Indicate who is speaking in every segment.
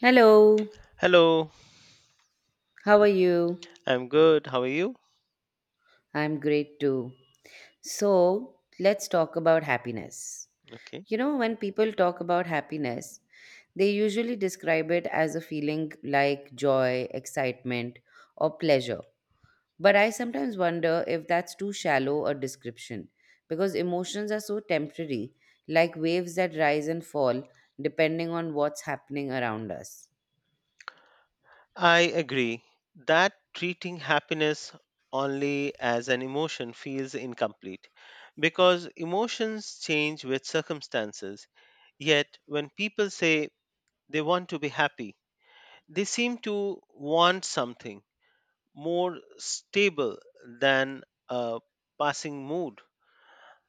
Speaker 1: Hello,
Speaker 2: Hello,
Speaker 1: how are you?
Speaker 2: I'm good. How are you?
Speaker 1: I'm great too. So, let's talk about happiness.
Speaker 2: Okay.
Speaker 1: You know, when people talk about happiness, they usually describe it as a feeling like joy, excitement, or pleasure. But I sometimes wonder if that's too shallow a description because emotions are so temporary, like waves that rise and fall depending on what's happening around us.
Speaker 2: I agree that treating happiness only as an emotion feels incomplete because emotions change with circumstances. Yet, when people say they want to be happy, they seem to want something more stable than a passing mood,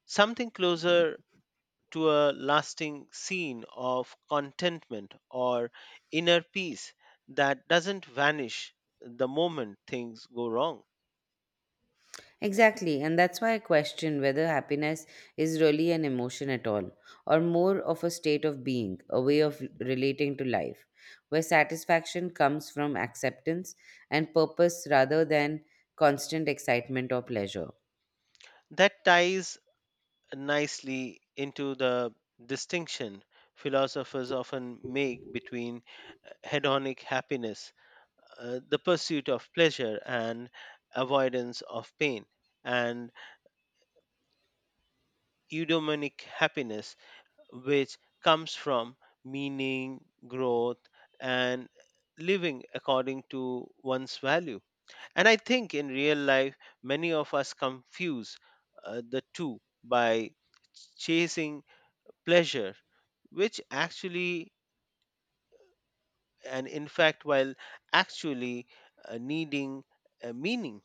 Speaker 2: something closer to a lasting scene of contentment or inner peace that doesn't vanish the moment things go wrong.
Speaker 1: Exactly, and that's why I question whether happiness is really an emotion at all, or more of a state of being, a way of relating to life, where satisfaction comes from acceptance and purpose rather than constant excitement or pleasure.
Speaker 2: That ties nicely into the distinction philosophers often make between hedonic happiness, the pursuit of pleasure and avoidance of pain, and eudaimonic happiness, which comes from meaning, growth, and living according to one's value. And I think in real life, many of us confuse the two by chasing pleasure, which actually, and in fact, while actually needing a meaning.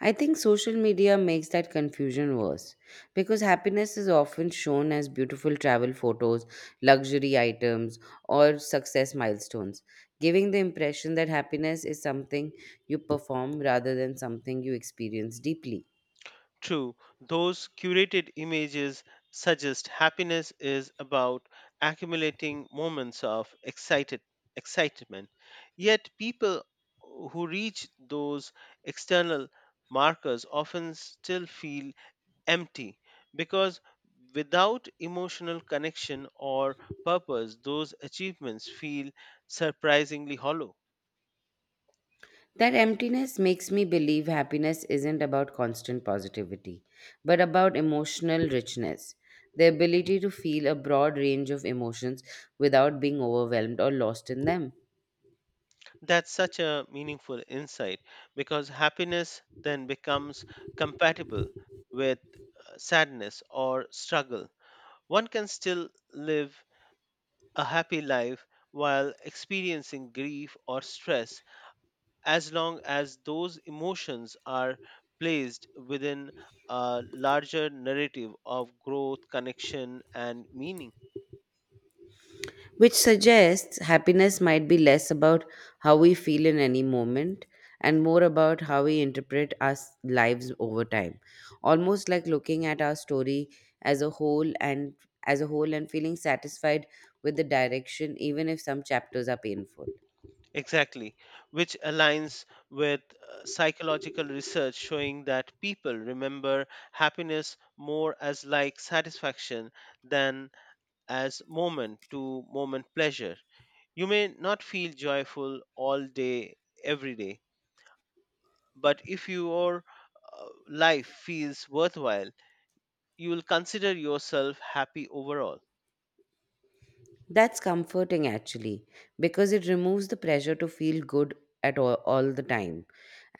Speaker 1: I think social media makes that confusion worse because happiness is often shown as beautiful travel photos, luxury items, or success milestones, giving the impression that happiness is something you perform rather than something you experience deeply.
Speaker 2: True, those curated images suggest happiness is about accumulating moments of excited excitement. Yet people who reach those external markers often still feel empty because without emotional connection or purpose those achievements feel surprisingly hollow.
Speaker 1: That emptiness makes me believe happiness isn't about constant positivity, but about emotional richness, the ability to feel a broad range of emotions without being overwhelmed or lost in them.
Speaker 2: That's such a meaningful insight because happiness then becomes compatible with sadness or struggle. One can still live a happy life while experiencing grief or stress as long as those emotions are placed within a larger narrative of growth, connection, and meaning.
Speaker 1: Which suggests happiness might be less about how we feel in any moment and more about how we interpret our lives over time, almost like looking at our story as a whole and as a whole and feeling satisfied with the direction, even if some chapters are painful.
Speaker 2: Exactly, which aligns with psychological research showing that people remember happiness more as like satisfaction than as moment to moment pleasure. You may not feel joyful all day, every day, but if your life feels worthwhile, you will consider yourself happy overall.
Speaker 1: That's comforting actually, because it removes the pressure to feel good all the time,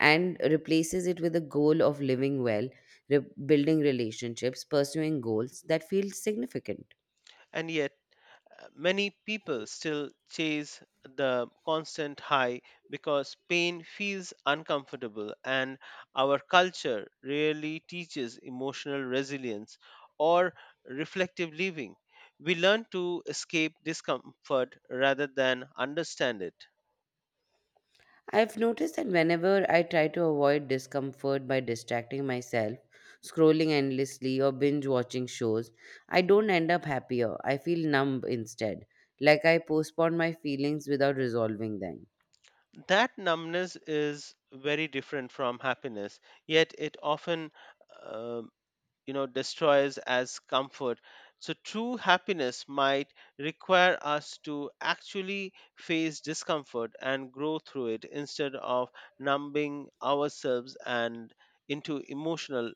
Speaker 1: and replaces it with a goal of living well, building relationships, pursuing goals that feel significant.
Speaker 2: And yet, many people still chase the constant high because pain feels uncomfortable, and our culture rarely teaches emotional resilience or reflective living. We learn to escape discomfort rather than understand it.
Speaker 1: I've noticed that whenever I try to avoid discomfort by distracting myself, scrolling endlessly, or binge watching shows, I don't end up happier. I feel numb instead, like I postpone my feelings without resolving them.
Speaker 2: That numbness is very different from happiness, yet it often uh, destroys as comfort so true happiness might require us to actually face discomfort and grow through it instead of numbing ourselves and into emotional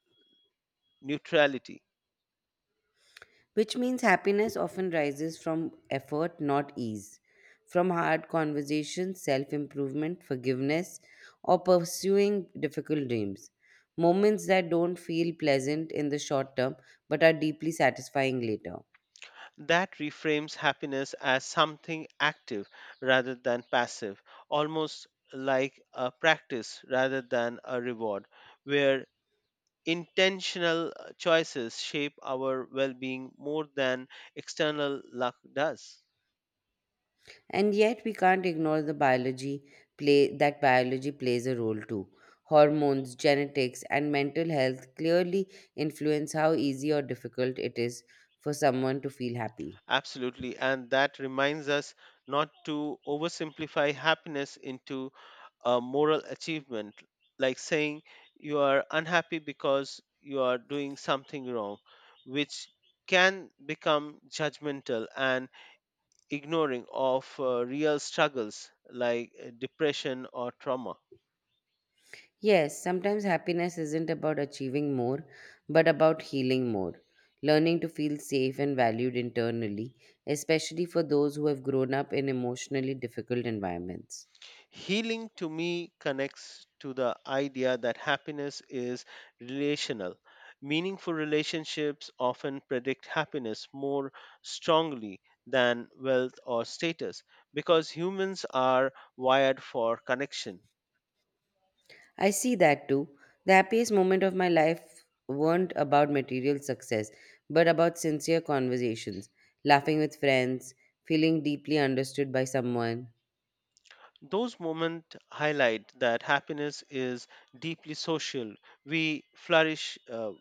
Speaker 2: neutrality.
Speaker 1: Which means happiness often rises from effort, not ease, from hard conversations, self improvement, forgiveness, or pursuing difficult dreams. Moments that don't feel pleasant in the short term but are deeply satisfying later.
Speaker 2: That reframes happiness as something active rather than passive, almost like a practice rather than a reward where intentional choices shape our well being more than external luck does.
Speaker 1: And yet, we can't ignore the biology play that biology plays a role too. Hormones, genetics, and mental health clearly influence how easy or difficult it is for someone to feel happy.
Speaker 2: Absolutely. And that reminds us not to oversimplify happiness into a moral achievement, like saying you are unhappy because you are doing something wrong, which can become judgmental and ignoring of real struggles like depression or trauma.
Speaker 1: Yes, sometimes happiness isn't about achieving more, but about healing more. Learning to feel safe and valued internally, especially for those who have grown up in emotionally difficult environments.
Speaker 2: Healing to me connects to the idea that happiness is relational. Meaningful relationships often predict happiness more strongly than wealth or status because humans are wired for connection.
Speaker 1: I see that too. The happiest moment of my life weren't about material success, but about sincere conversations, laughing with friends, feeling deeply understood by someone.
Speaker 2: Those moments highlight that happiness is deeply social. We flourish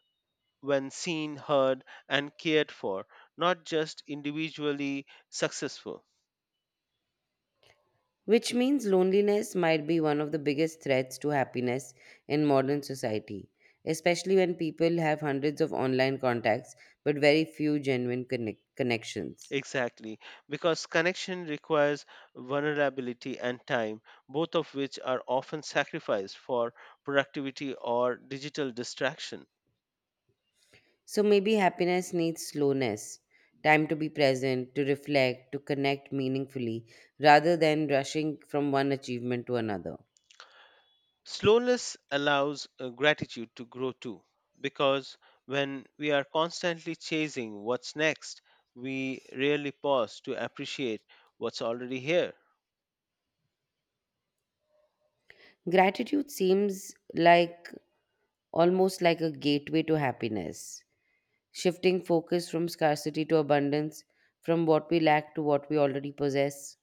Speaker 2: when seen, heard, and cared for, not just individually successful.
Speaker 1: Which means loneliness might be one of the biggest threats to happiness in modern society, especially when people have hundreds of online contacts but very few genuine connections.
Speaker 2: Exactly, because connection requires vulnerability and time, both of which are often sacrificed for productivity or digital distraction.
Speaker 1: So maybe happiness needs slowness, time to be present, to reflect, to connect meaningfully, rather than rushing from one achievement to another.
Speaker 2: Slowness allows gratitude to grow too, because when we are constantly chasing what's next, we rarely pause to appreciate what's already here.
Speaker 1: Gratitude seems like almost like a gateway to happiness, shifting focus from scarcity to abundance, from what we lack to what we already possess.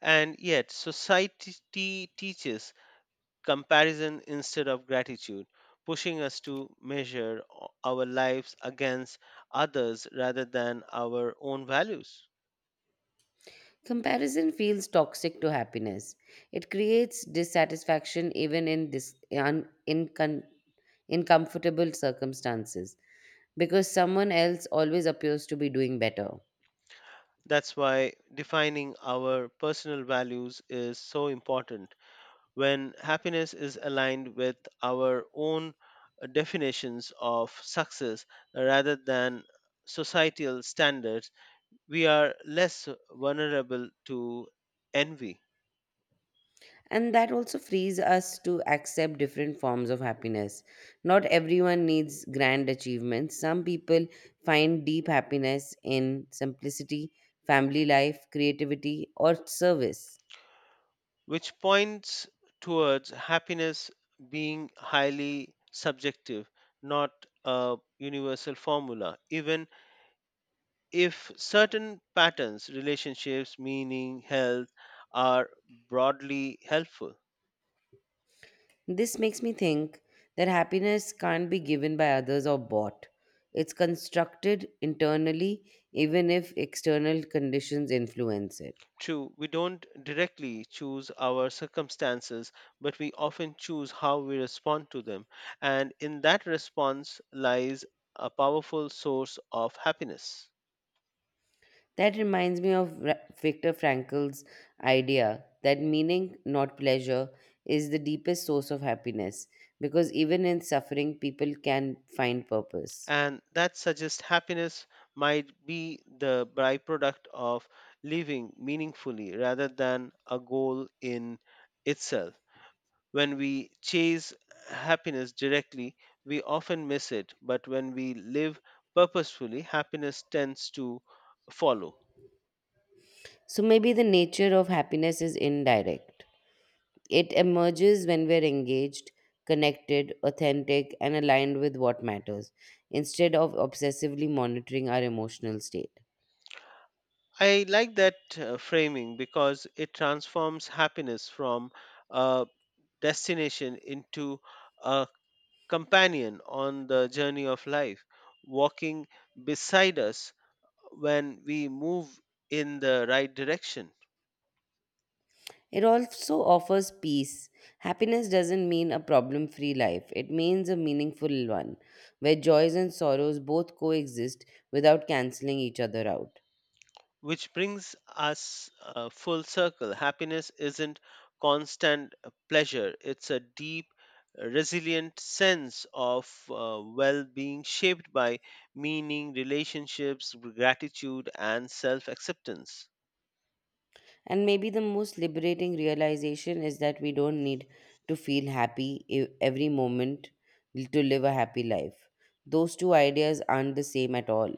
Speaker 2: And yet, society teaches comparison instead of gratitude, pushing us to measure our lives against others rather than our own values.
Speaker 1: Comparison feels toxic to happiness. It creates dissatisfaction even in, dis- un- in, con- in comfortable circumstances because someone else always appears to be doing better.
Speaker 2: That's why defining our personal values is so important. When happiness is aligned with our own definitions of success rather than societal standards, we are less vulnerable to envy.
Speaker 1: And that also frees us to accept different forms of happiness. Not everyone needs grand achievements. Some people find deep happiness in simplicity, family life, creativity, or service.
Speaker 2: Which points towards happiness being highly subjective, not a universal formula, even if certain patterns, relationships, meaning, health are broadly helpful.
Speaker 1: This makes me think that happiness can't be given by others or bought. It's constructed internally, even if external conditions influence it.
Speaker 2: True, we don't directly choose our circumstances, but we often choose how we respond to them. And in that response lies a powerful source of happiness.
Speaker 1: That reminds me of Viktor Frankl's idea that meaning, not pleasure, is the deepest source of happiness, because even in suffering, people can find purpose.
Speaker 2: And that suggests happiness might be the byproduct of living meaningfully rather than a goal in itself. When we chase happiness directly, we often miss it, but when we live purposefully, happiness tends to follow.
Speaker 1: So maybe the nature of happiness is indirect. It emerges when we're engaged, connected, authentic, and aligned with what matters, instead of obsessively monitoring our emotional state.
Speaker 2: I like that framing because it transforms happiness from a destination into a companion on the journey of life, walking beside us when we move in the right direction.
Speaker 1: It also offers peace. Happiness doesn't mean a problem free life, it means a meaningful one, where joys and sorrows both coexist without canceling each other out.
Speaker 2: Which brings us full circle. Happiness isn't constant pleasure, it's a deep, resilient sense of well being shaped by meaning, relationships, gratitude, and self acceptance.
Speaker 1: And maybe the most liberating realization is that we don't need to feel happy every moment to live a happy life. Those two ideas aren't the same at all.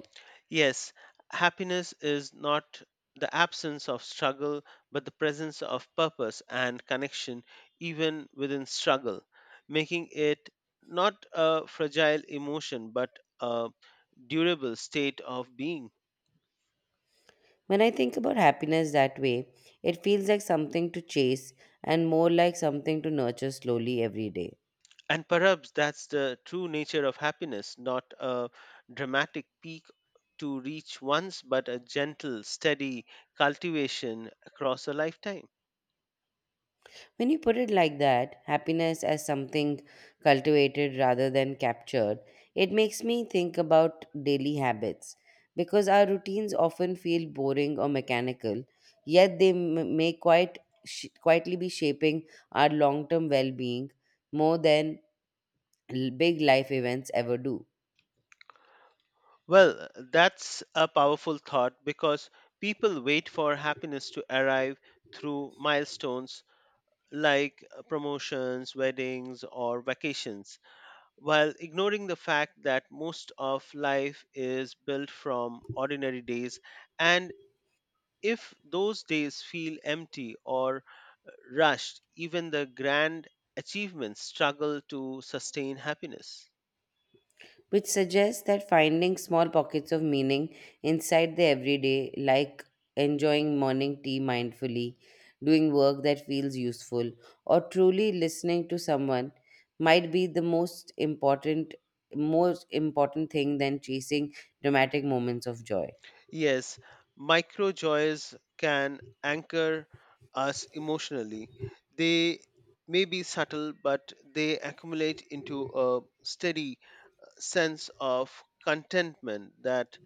Speaker 2: Yes, happiness is not the absence of struggle, but the presence of purpose and connection, even within struggle, making it not a fragile emotion, but a durable state of being.
Speaker 1: When I think about happiness that way, it feels like something to chase and more like something to nurture slowly every day.
Speaker 2: And perhaps that's the true nature of happiness, not a dramatic peak to reach once, but a gentle, steady cultivation across a lifetime.
Speaker 1: When you put it like that, happiness as something cultivated rather than captured, it makes me think about daily habits, because our routines often feel boring or mechanical, yet they may quite quietly be shaping our long-term well-being more than big life events ever do.
Speaker 2: Well, that's a powerful thought because people wait for happiness to arrive through milestones like promotions, weddings, or vacations, while ignoring the fact that most of life is built from ordinary days. And if those days feel empty or uh, rushed, even the grand achievements struggle to sustain happiness.
Speaker 1: Which suggests that finding small pockets of meaning inside the everyday, like enjoying morning tea mindfully, doing work that feels useful, or truly listening to someone, might be the most important thing than chasing dramatic moments of joy.
Speaker 2: Yes, micro joys can anchor us emotionally. They may be subtle, but they accumulate into a steady sense of contentment that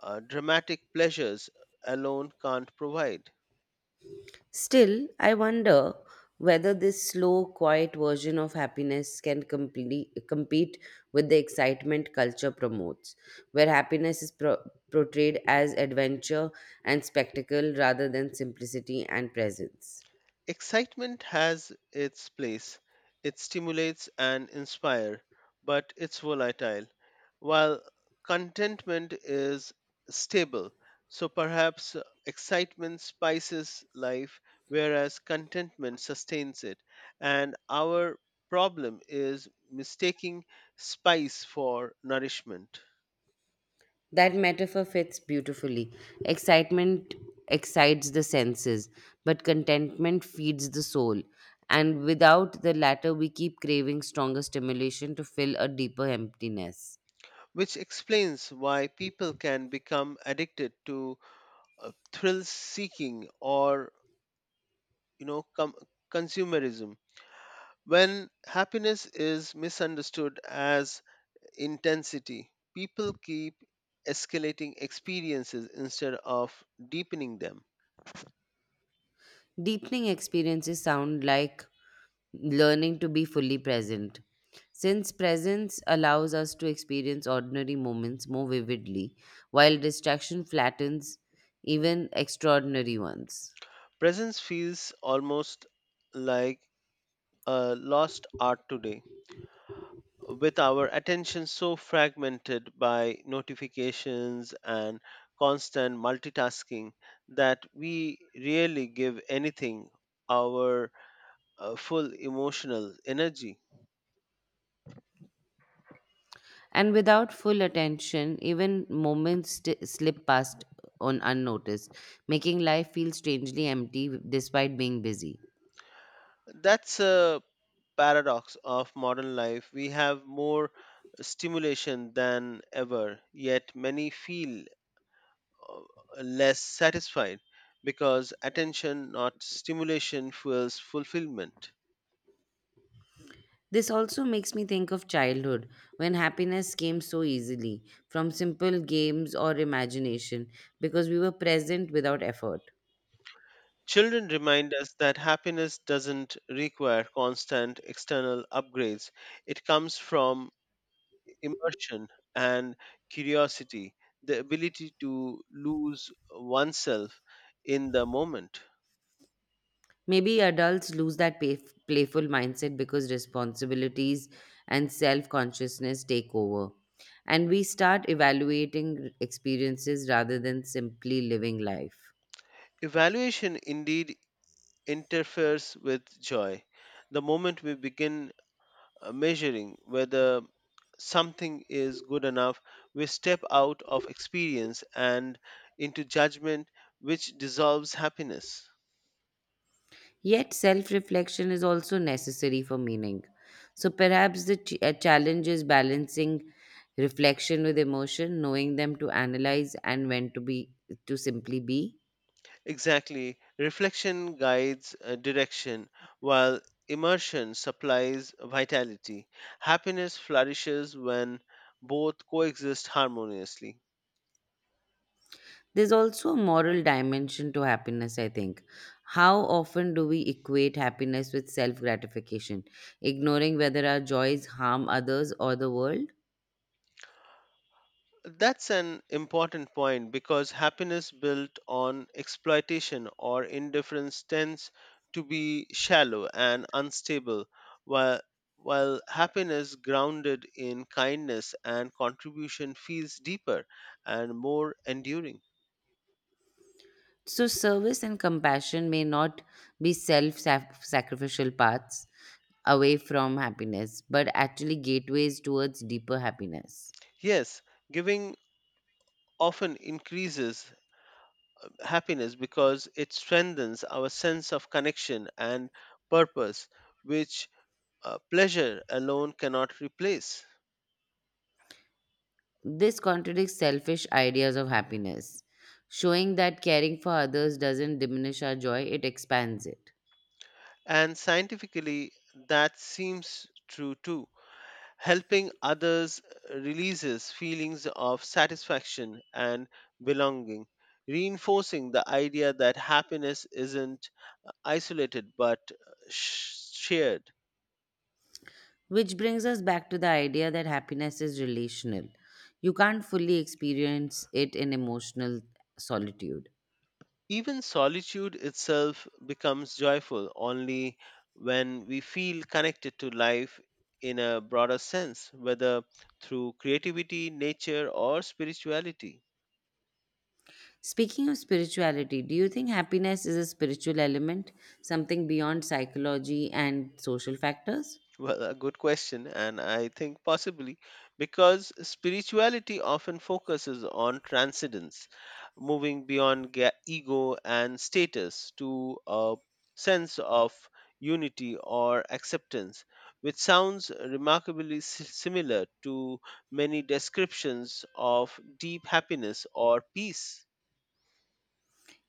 Speaker 2: dramatic pleasures alone can't provide.
Speaker 1: Still, I wonder whether this slow, quiet version of happiness can compete with the excitement culture promotes, where happiness is portrayed as adventure and spectacle rather than simplicity and presence.
Speaker 2: Excitement has its place. It stimulates and inspires, but it's volatile, while contentment is stable. So perhaps excitement spices life, whereas contentment sustains it. And our problem is mistaking spice for nourishment,
Speaker 1: That metaphor fits beautifully. Excitement excites the senses, but contentment feeds the soul. And without the latter, we keep craving stronger stimulation to fill a deeper emptiness.
Speaker 2: which explains why people can become addicted to thrill seeking or you know com- consumerism. When happiness is misunderstood as intensity, people keep escalating experiences instead of deepening them.
Speaker 1: Deepening experiences sound like learning to be fully present. Since presence allows us to experience ordinary moments more vividly, while distraction flattens even extraordinary ones.
Speaker 2: Presence feels almost like a lost art today, with our attention so fragmented by notifications and constant multitasking that we rarely give anything our full emotional energy.
Speaker 1: And without full attention, even moments slip past on unnoticed, making life feel strangely empty despite being busy.
Speaker 2: That's a paradox of modern life. We have more stimulation than ever, yet many feel less satisfied because attention, not stimulation, fuels fulfillment.
Speaker 1: This also makes me think of childhood, when happiness came so easily from simple games or imagination because we were present without effort.
Speaker 2: Children remind us that happiness doesn't require constant external upgrades. It comes from immersion and curiosity, the ability to lose oneself in the moment.
Speaker 1: Maybe adults lose that playful mindset because responsibilities and self consciousness take over, and we start evaluating experiences rather than simply living life.
Speaker 2: Evaluation indeed interferes with joy. The moment we begin measuring whether something is good enough, we step out of experience and into judgment, which dissolves happiness.
Speaker 1: Yet, self reflection is also necessary for meaning. So, perhaps the challenge is balancing reflection with emotion, knowing them to analyze and when to be to simply be.
Speaker 2: Exactly. Reflection guides direction, while immersion supplies vitality. Happiness flourishes when both coexist harmoniously.
Speaker 1: There's also a moral dimension to happiness, I think. How often do we equate happiness with self gratification, ignoring whether our joys harm others or the world?
Speaker 2: That's an important point because happiness built on exploitation or indifference tends to be shallow and unstable, while, while happiness grounded in kindness and contribution feels deeper and more enduring.
Speaker 1: So, service and compassion may not be self sacrificial paths away from happiness, but actually gateways towards deeper happiness.
Speaker 2: Yes, giving often increases happiness because it strengthens our sense of connection and purpose, which pleasure alone cannot replace.
Speaker 1: This contradicts selfish ideas of happiness, showing that caring for others doesn't diminish our joy, it expands it.
Speaker 2: And scientifically, that seems true too. Helping others releases feelings of satisfaction and belonging, reinforcing the idea that happiness isn't isolated but shared.
Speaker 1: Which brings us back to the idea that happiness is relational. You can't fully experience it in emotional solitude.
Speaker 2: Even solitude itself becomes joyful only when we feel connected to life in a broader sense, whether through creativity, nature, or spirituality.
Speaker 1: Speaking of spirituality, do you think happiness is a spiritual element, something beyond psychology and social factors?
Speaker 2: Well, a good question, and I think possibly because spirituality often focuses on transcendence, moving beyond ego and status to a sense of unity or acceptance, which sounds remarkably similar to many descriptions of deep happiness or peace.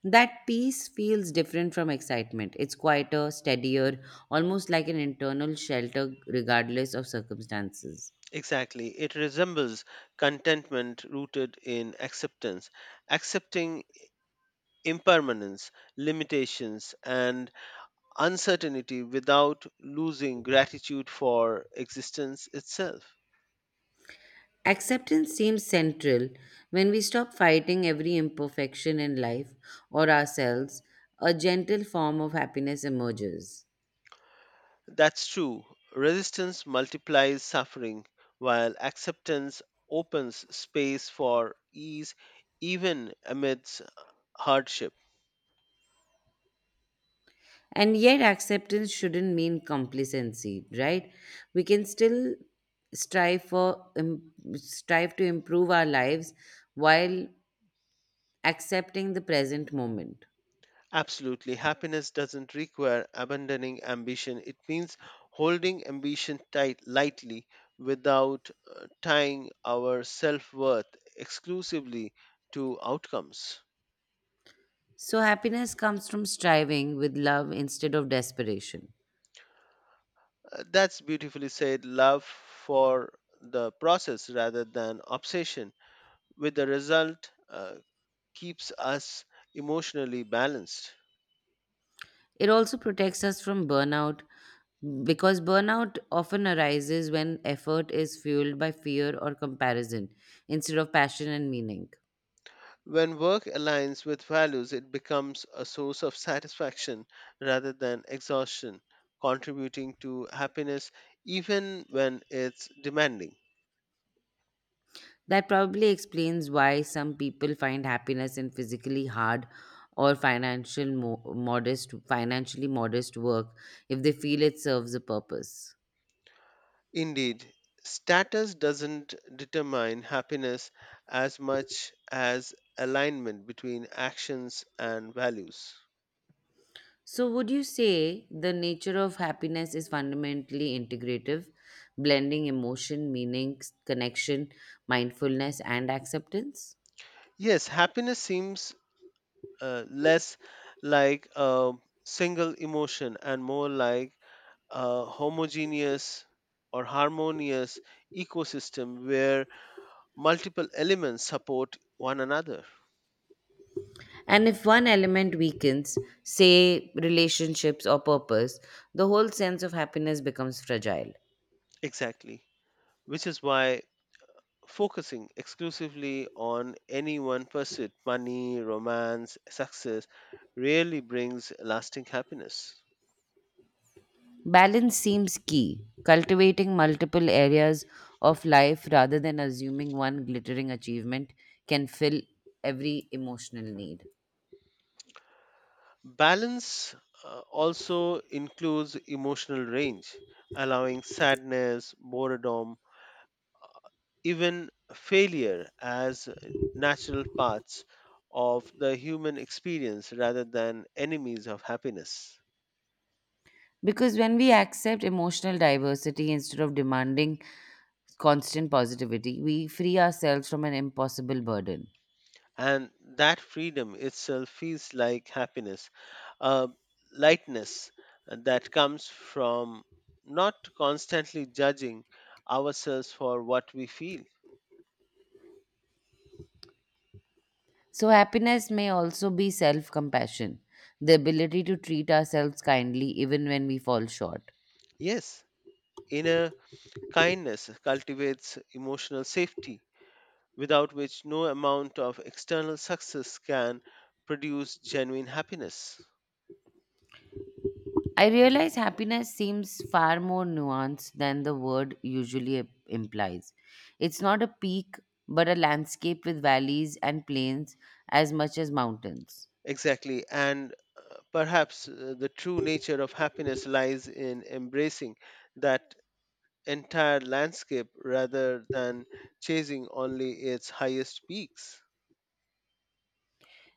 Speaker 1: That peace feels different from excitement. It's quieter, steadier, almost like an internal shelter, regardless of circumstances.
Speaker 2: Exactly. It resembles contentment rooted in acceptance, accepting impermanence, limitations, and uncertainty without losing gratitude for existence itself.
Speaker 1: Acceptance seems central. When we stop fighting every imperfection in life or ourselves, a gentle form of happiness emerges.
Speaker 2: That's true. Resistance multiplies suffering, while acceptance opens space for ease even amidst hardship.
Speaker 1: And yet, acceptance shouldn't mean complacency, right? We can still strive to improve our lives while accepting the present moment.
Speaker 2: Absolutely. Happiness doesn't require abandoning ambition. It means holding ambition tight lightly without tying our self-worth exclusively to outcomes.
Speaker 1: So, happiness comes from striving with love instead of desperation.
Speaker 2: That's beautifully said. Love for the process rather than obsession with the result keeps us emotionally balanced.
Speaker 1: It also protects us from burnout because burnout often arises when effort is fueled by fear or comparison instead of passion and meaning.
Speaker 2: When work aligns with values, it becomes a source of satisfaction rather than exhaustion, contributing to happiness even when it's demanding.
Speaker 1: That probably explains why some people find happiness in physically hard or financially modest work if they feel it serves a purpose.
Speaker 2: Indeed, status doesn't determine happiness as much as alignment between actions and values.
Speaker 1: So would you say the nature of happiness is fundamentally integrative, blending emotion, meaning, connection, mindfulness and acceptance?
Speaker 2: Yes, happiness seems less like a single emotion and more like a homogeneous or harmonious ecosystem where multiple elements support one another.
Speaker 1: And if one element weakens, say relationships or purpose, the whole sense of happiness becomes fragile.
Speaker 2: Exactly. Which is why focusing exclusively on any one pursuit, money, romance, success, rarely brings lasting happiness.
Speaker 1: Balance seems key, cultivating multiple areas of life rather than assuming one glittering achievement can fill every emotional need.
Speaker 2: Balance also includes emotional range, allowing sadness, boredom, even failure as natural parts of the human experience rather than enemies of happiness.
Speaker 1: Because when we accept emotional diversity instead of demanding constant positivity, we free ourselves from an impossible burden.
Speaker 2: And that freedom itself feels like happiness, a lightness that comes from not constantly judging ourselves for what we feel.
Speaker 1: So, happiness may also be self compassion, the ability to treat ourselves kindly even when we fall short.
Speaker 2: Yes, inner kindness cultivates emotional safety without which no amount of external success can produce genuine happiness.
Speaker 1: I realize happiness seems far more nuanced than the word usually implies. It's not a peak, but a landscape with valleys and plains as much as mountains,
Speaker 2: Exactly, and perhaps the true nature of happiness lies in embracing that entire landscape rather than chasing only its highest peaks.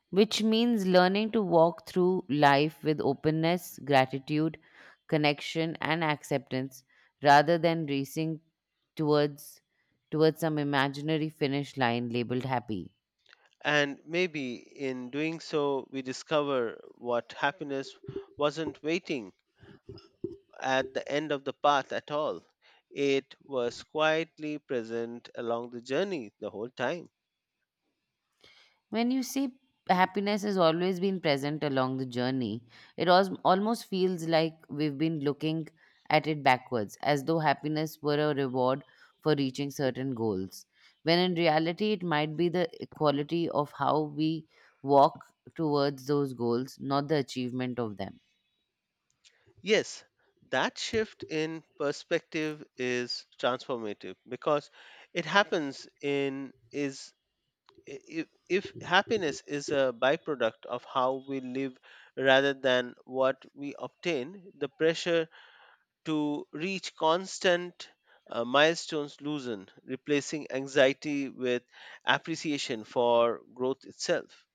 Speaker 1: which means learning to walk through life with openness, gratitude, connection, and acceptance rather than racing towards towards some imaginary finish line labeled happy.
Speaker 2: And maybe in doing so, we discover what happiness wasn't waiting at the end of the path at all. It was quietly present along the journey the whole time.
Speaker 1: When you say happiness has always been present along the journey, it almost feels like we've been looking at it backwards, as though happiness were a reward for reaching certain goals. When in reality, it might be the quality of how we walk towards those goals, not the achievement of them.
Speaker 2: Yes, that shift in perspective is transformative because it happens in is I- if happiness is a byproduct of how we live rather than what we obtain, the pressure to reach constant milestones loosen, replacing anxiety with appreciation for growth itself.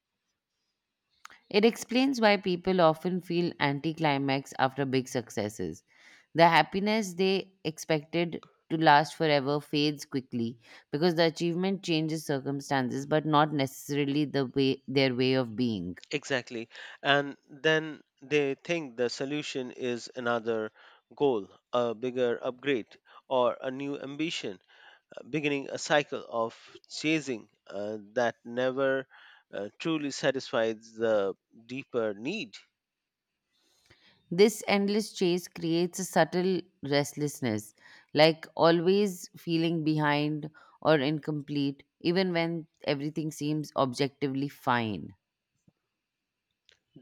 Speaker 1: It explains why people often feel anticlimax after big successes. The happiness they expected to last forever fades quickly because the achievement changes circumstances but not necessarily the way their way of being.
Speaker 2: Exactly. And then they think the solution is another goal, a bigger upgrade, or a new ambition, beginning a cycle of chasing that never truly satisfies the deeper need.
Speaker 1: This endless chase creates a subtle restlessness, like always feeling behind or incomplete even when everything seems objectively fine.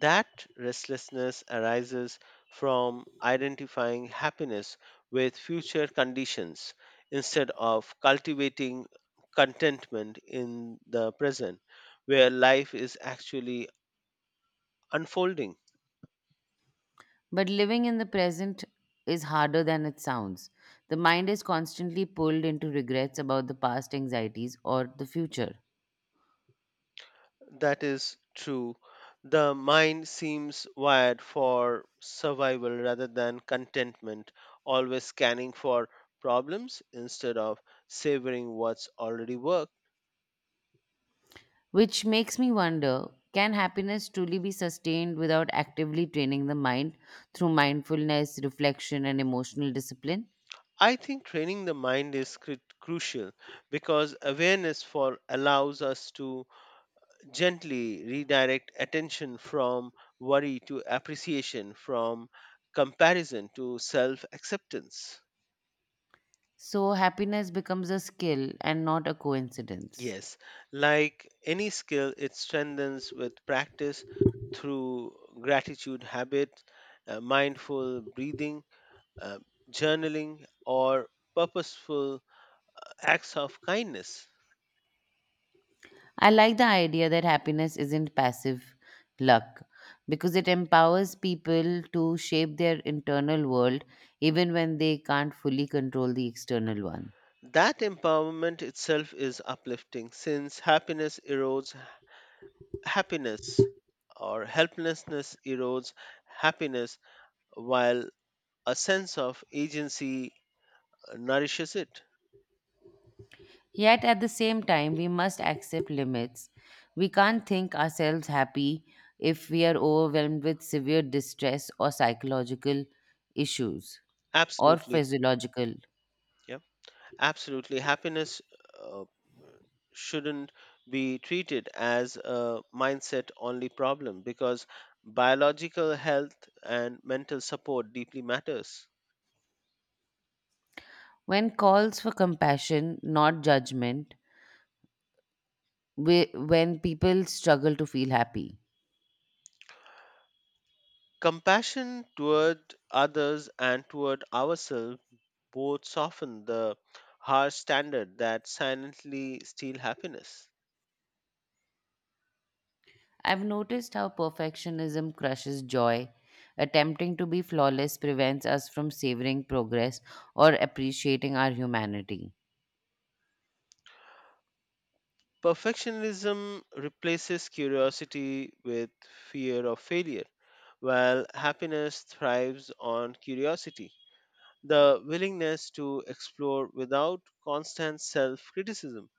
Speaker 2: That restlessness arises from identifying happiness with future conditions instead of cultivating contentment in the present, where life is actually unfolding.
Speaker 1: But living in the present is harder than it sounds. The mind is constantly pulled into regrets about the past anxieties or the future,
Speaker 2: That is true. The mind seems wired for survival rather than contentment, always scanning for problems instead of savoring what's already worked.
Speaker 1: which makes me wonder, can happiness truly be sustained without actively training the mind through mindfulness, reflection, and emotional discipline?
Speaker 2: I think training the mind is crucial because awareness for allows us to gently redirect attention from worry to appreciation, from comparison to self acceptance.
Speaker 1: So, happiness becomes a skill and not a coincidence.
Speaker 2: Yes, like any skill, it strengthens with practice through gratitude habit, mindful breathing, uh, journaling, or purposeful acts of kindness.
Speaker 1: I like the idea that happiness isn't passive luck because it empowers people to shape their internal world even when they can't fully control the external one.
Speaker 2: That empowerment itself is uplifting since happiness erodes happiness or helplessness erodes happiness while a sense of agency nourishes it.
Speaker 1: Yet at the same time, we must accept limits. We can't think ourselves happy if we are overwhelmed with severe distress or psychological issues or
Speaker 2: Absolutely.
Speaker 1: physiological.
Speaker 2: Yeah. Absolutely. Happiness uh, shouldn't be treated as a mindset only problem because biological health and mental support deeply matters.
Speaker 1: When calls for compassion, not judgment, when people struggle to feel happy.
Speaker 2: Compassion toward others and toward ourselves both soften the harsh standard that silently steal happiness.
Speaker 1: I've noticed how perfectionism crushes joy. Attempting to be flawless prevents us from savoring progress or appreciating our humanity.
Speaker 2: Perfectionism replaces curiosity with fear of failure, while happiness thrives on curiosity, the willingness to explore without constant self criticism.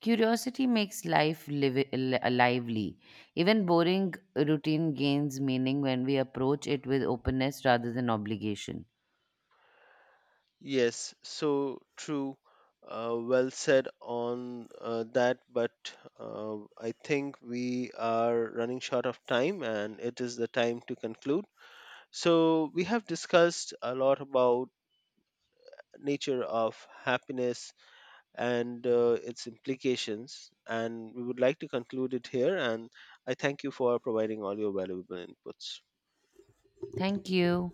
Speaker 1: Curiosity makes life lively. Even boring routine gains meaning when we approach it with openness rather than obligation.
Speaker 2: Yes, so true. Well said on that, but I think we are running short of time and it is the time to conclude. So, we have discussed a lot about nature of happiness and its implications and we would like to conclude it here and I thank you for providing all your valuable inputs.
Speaker 1: Thank you.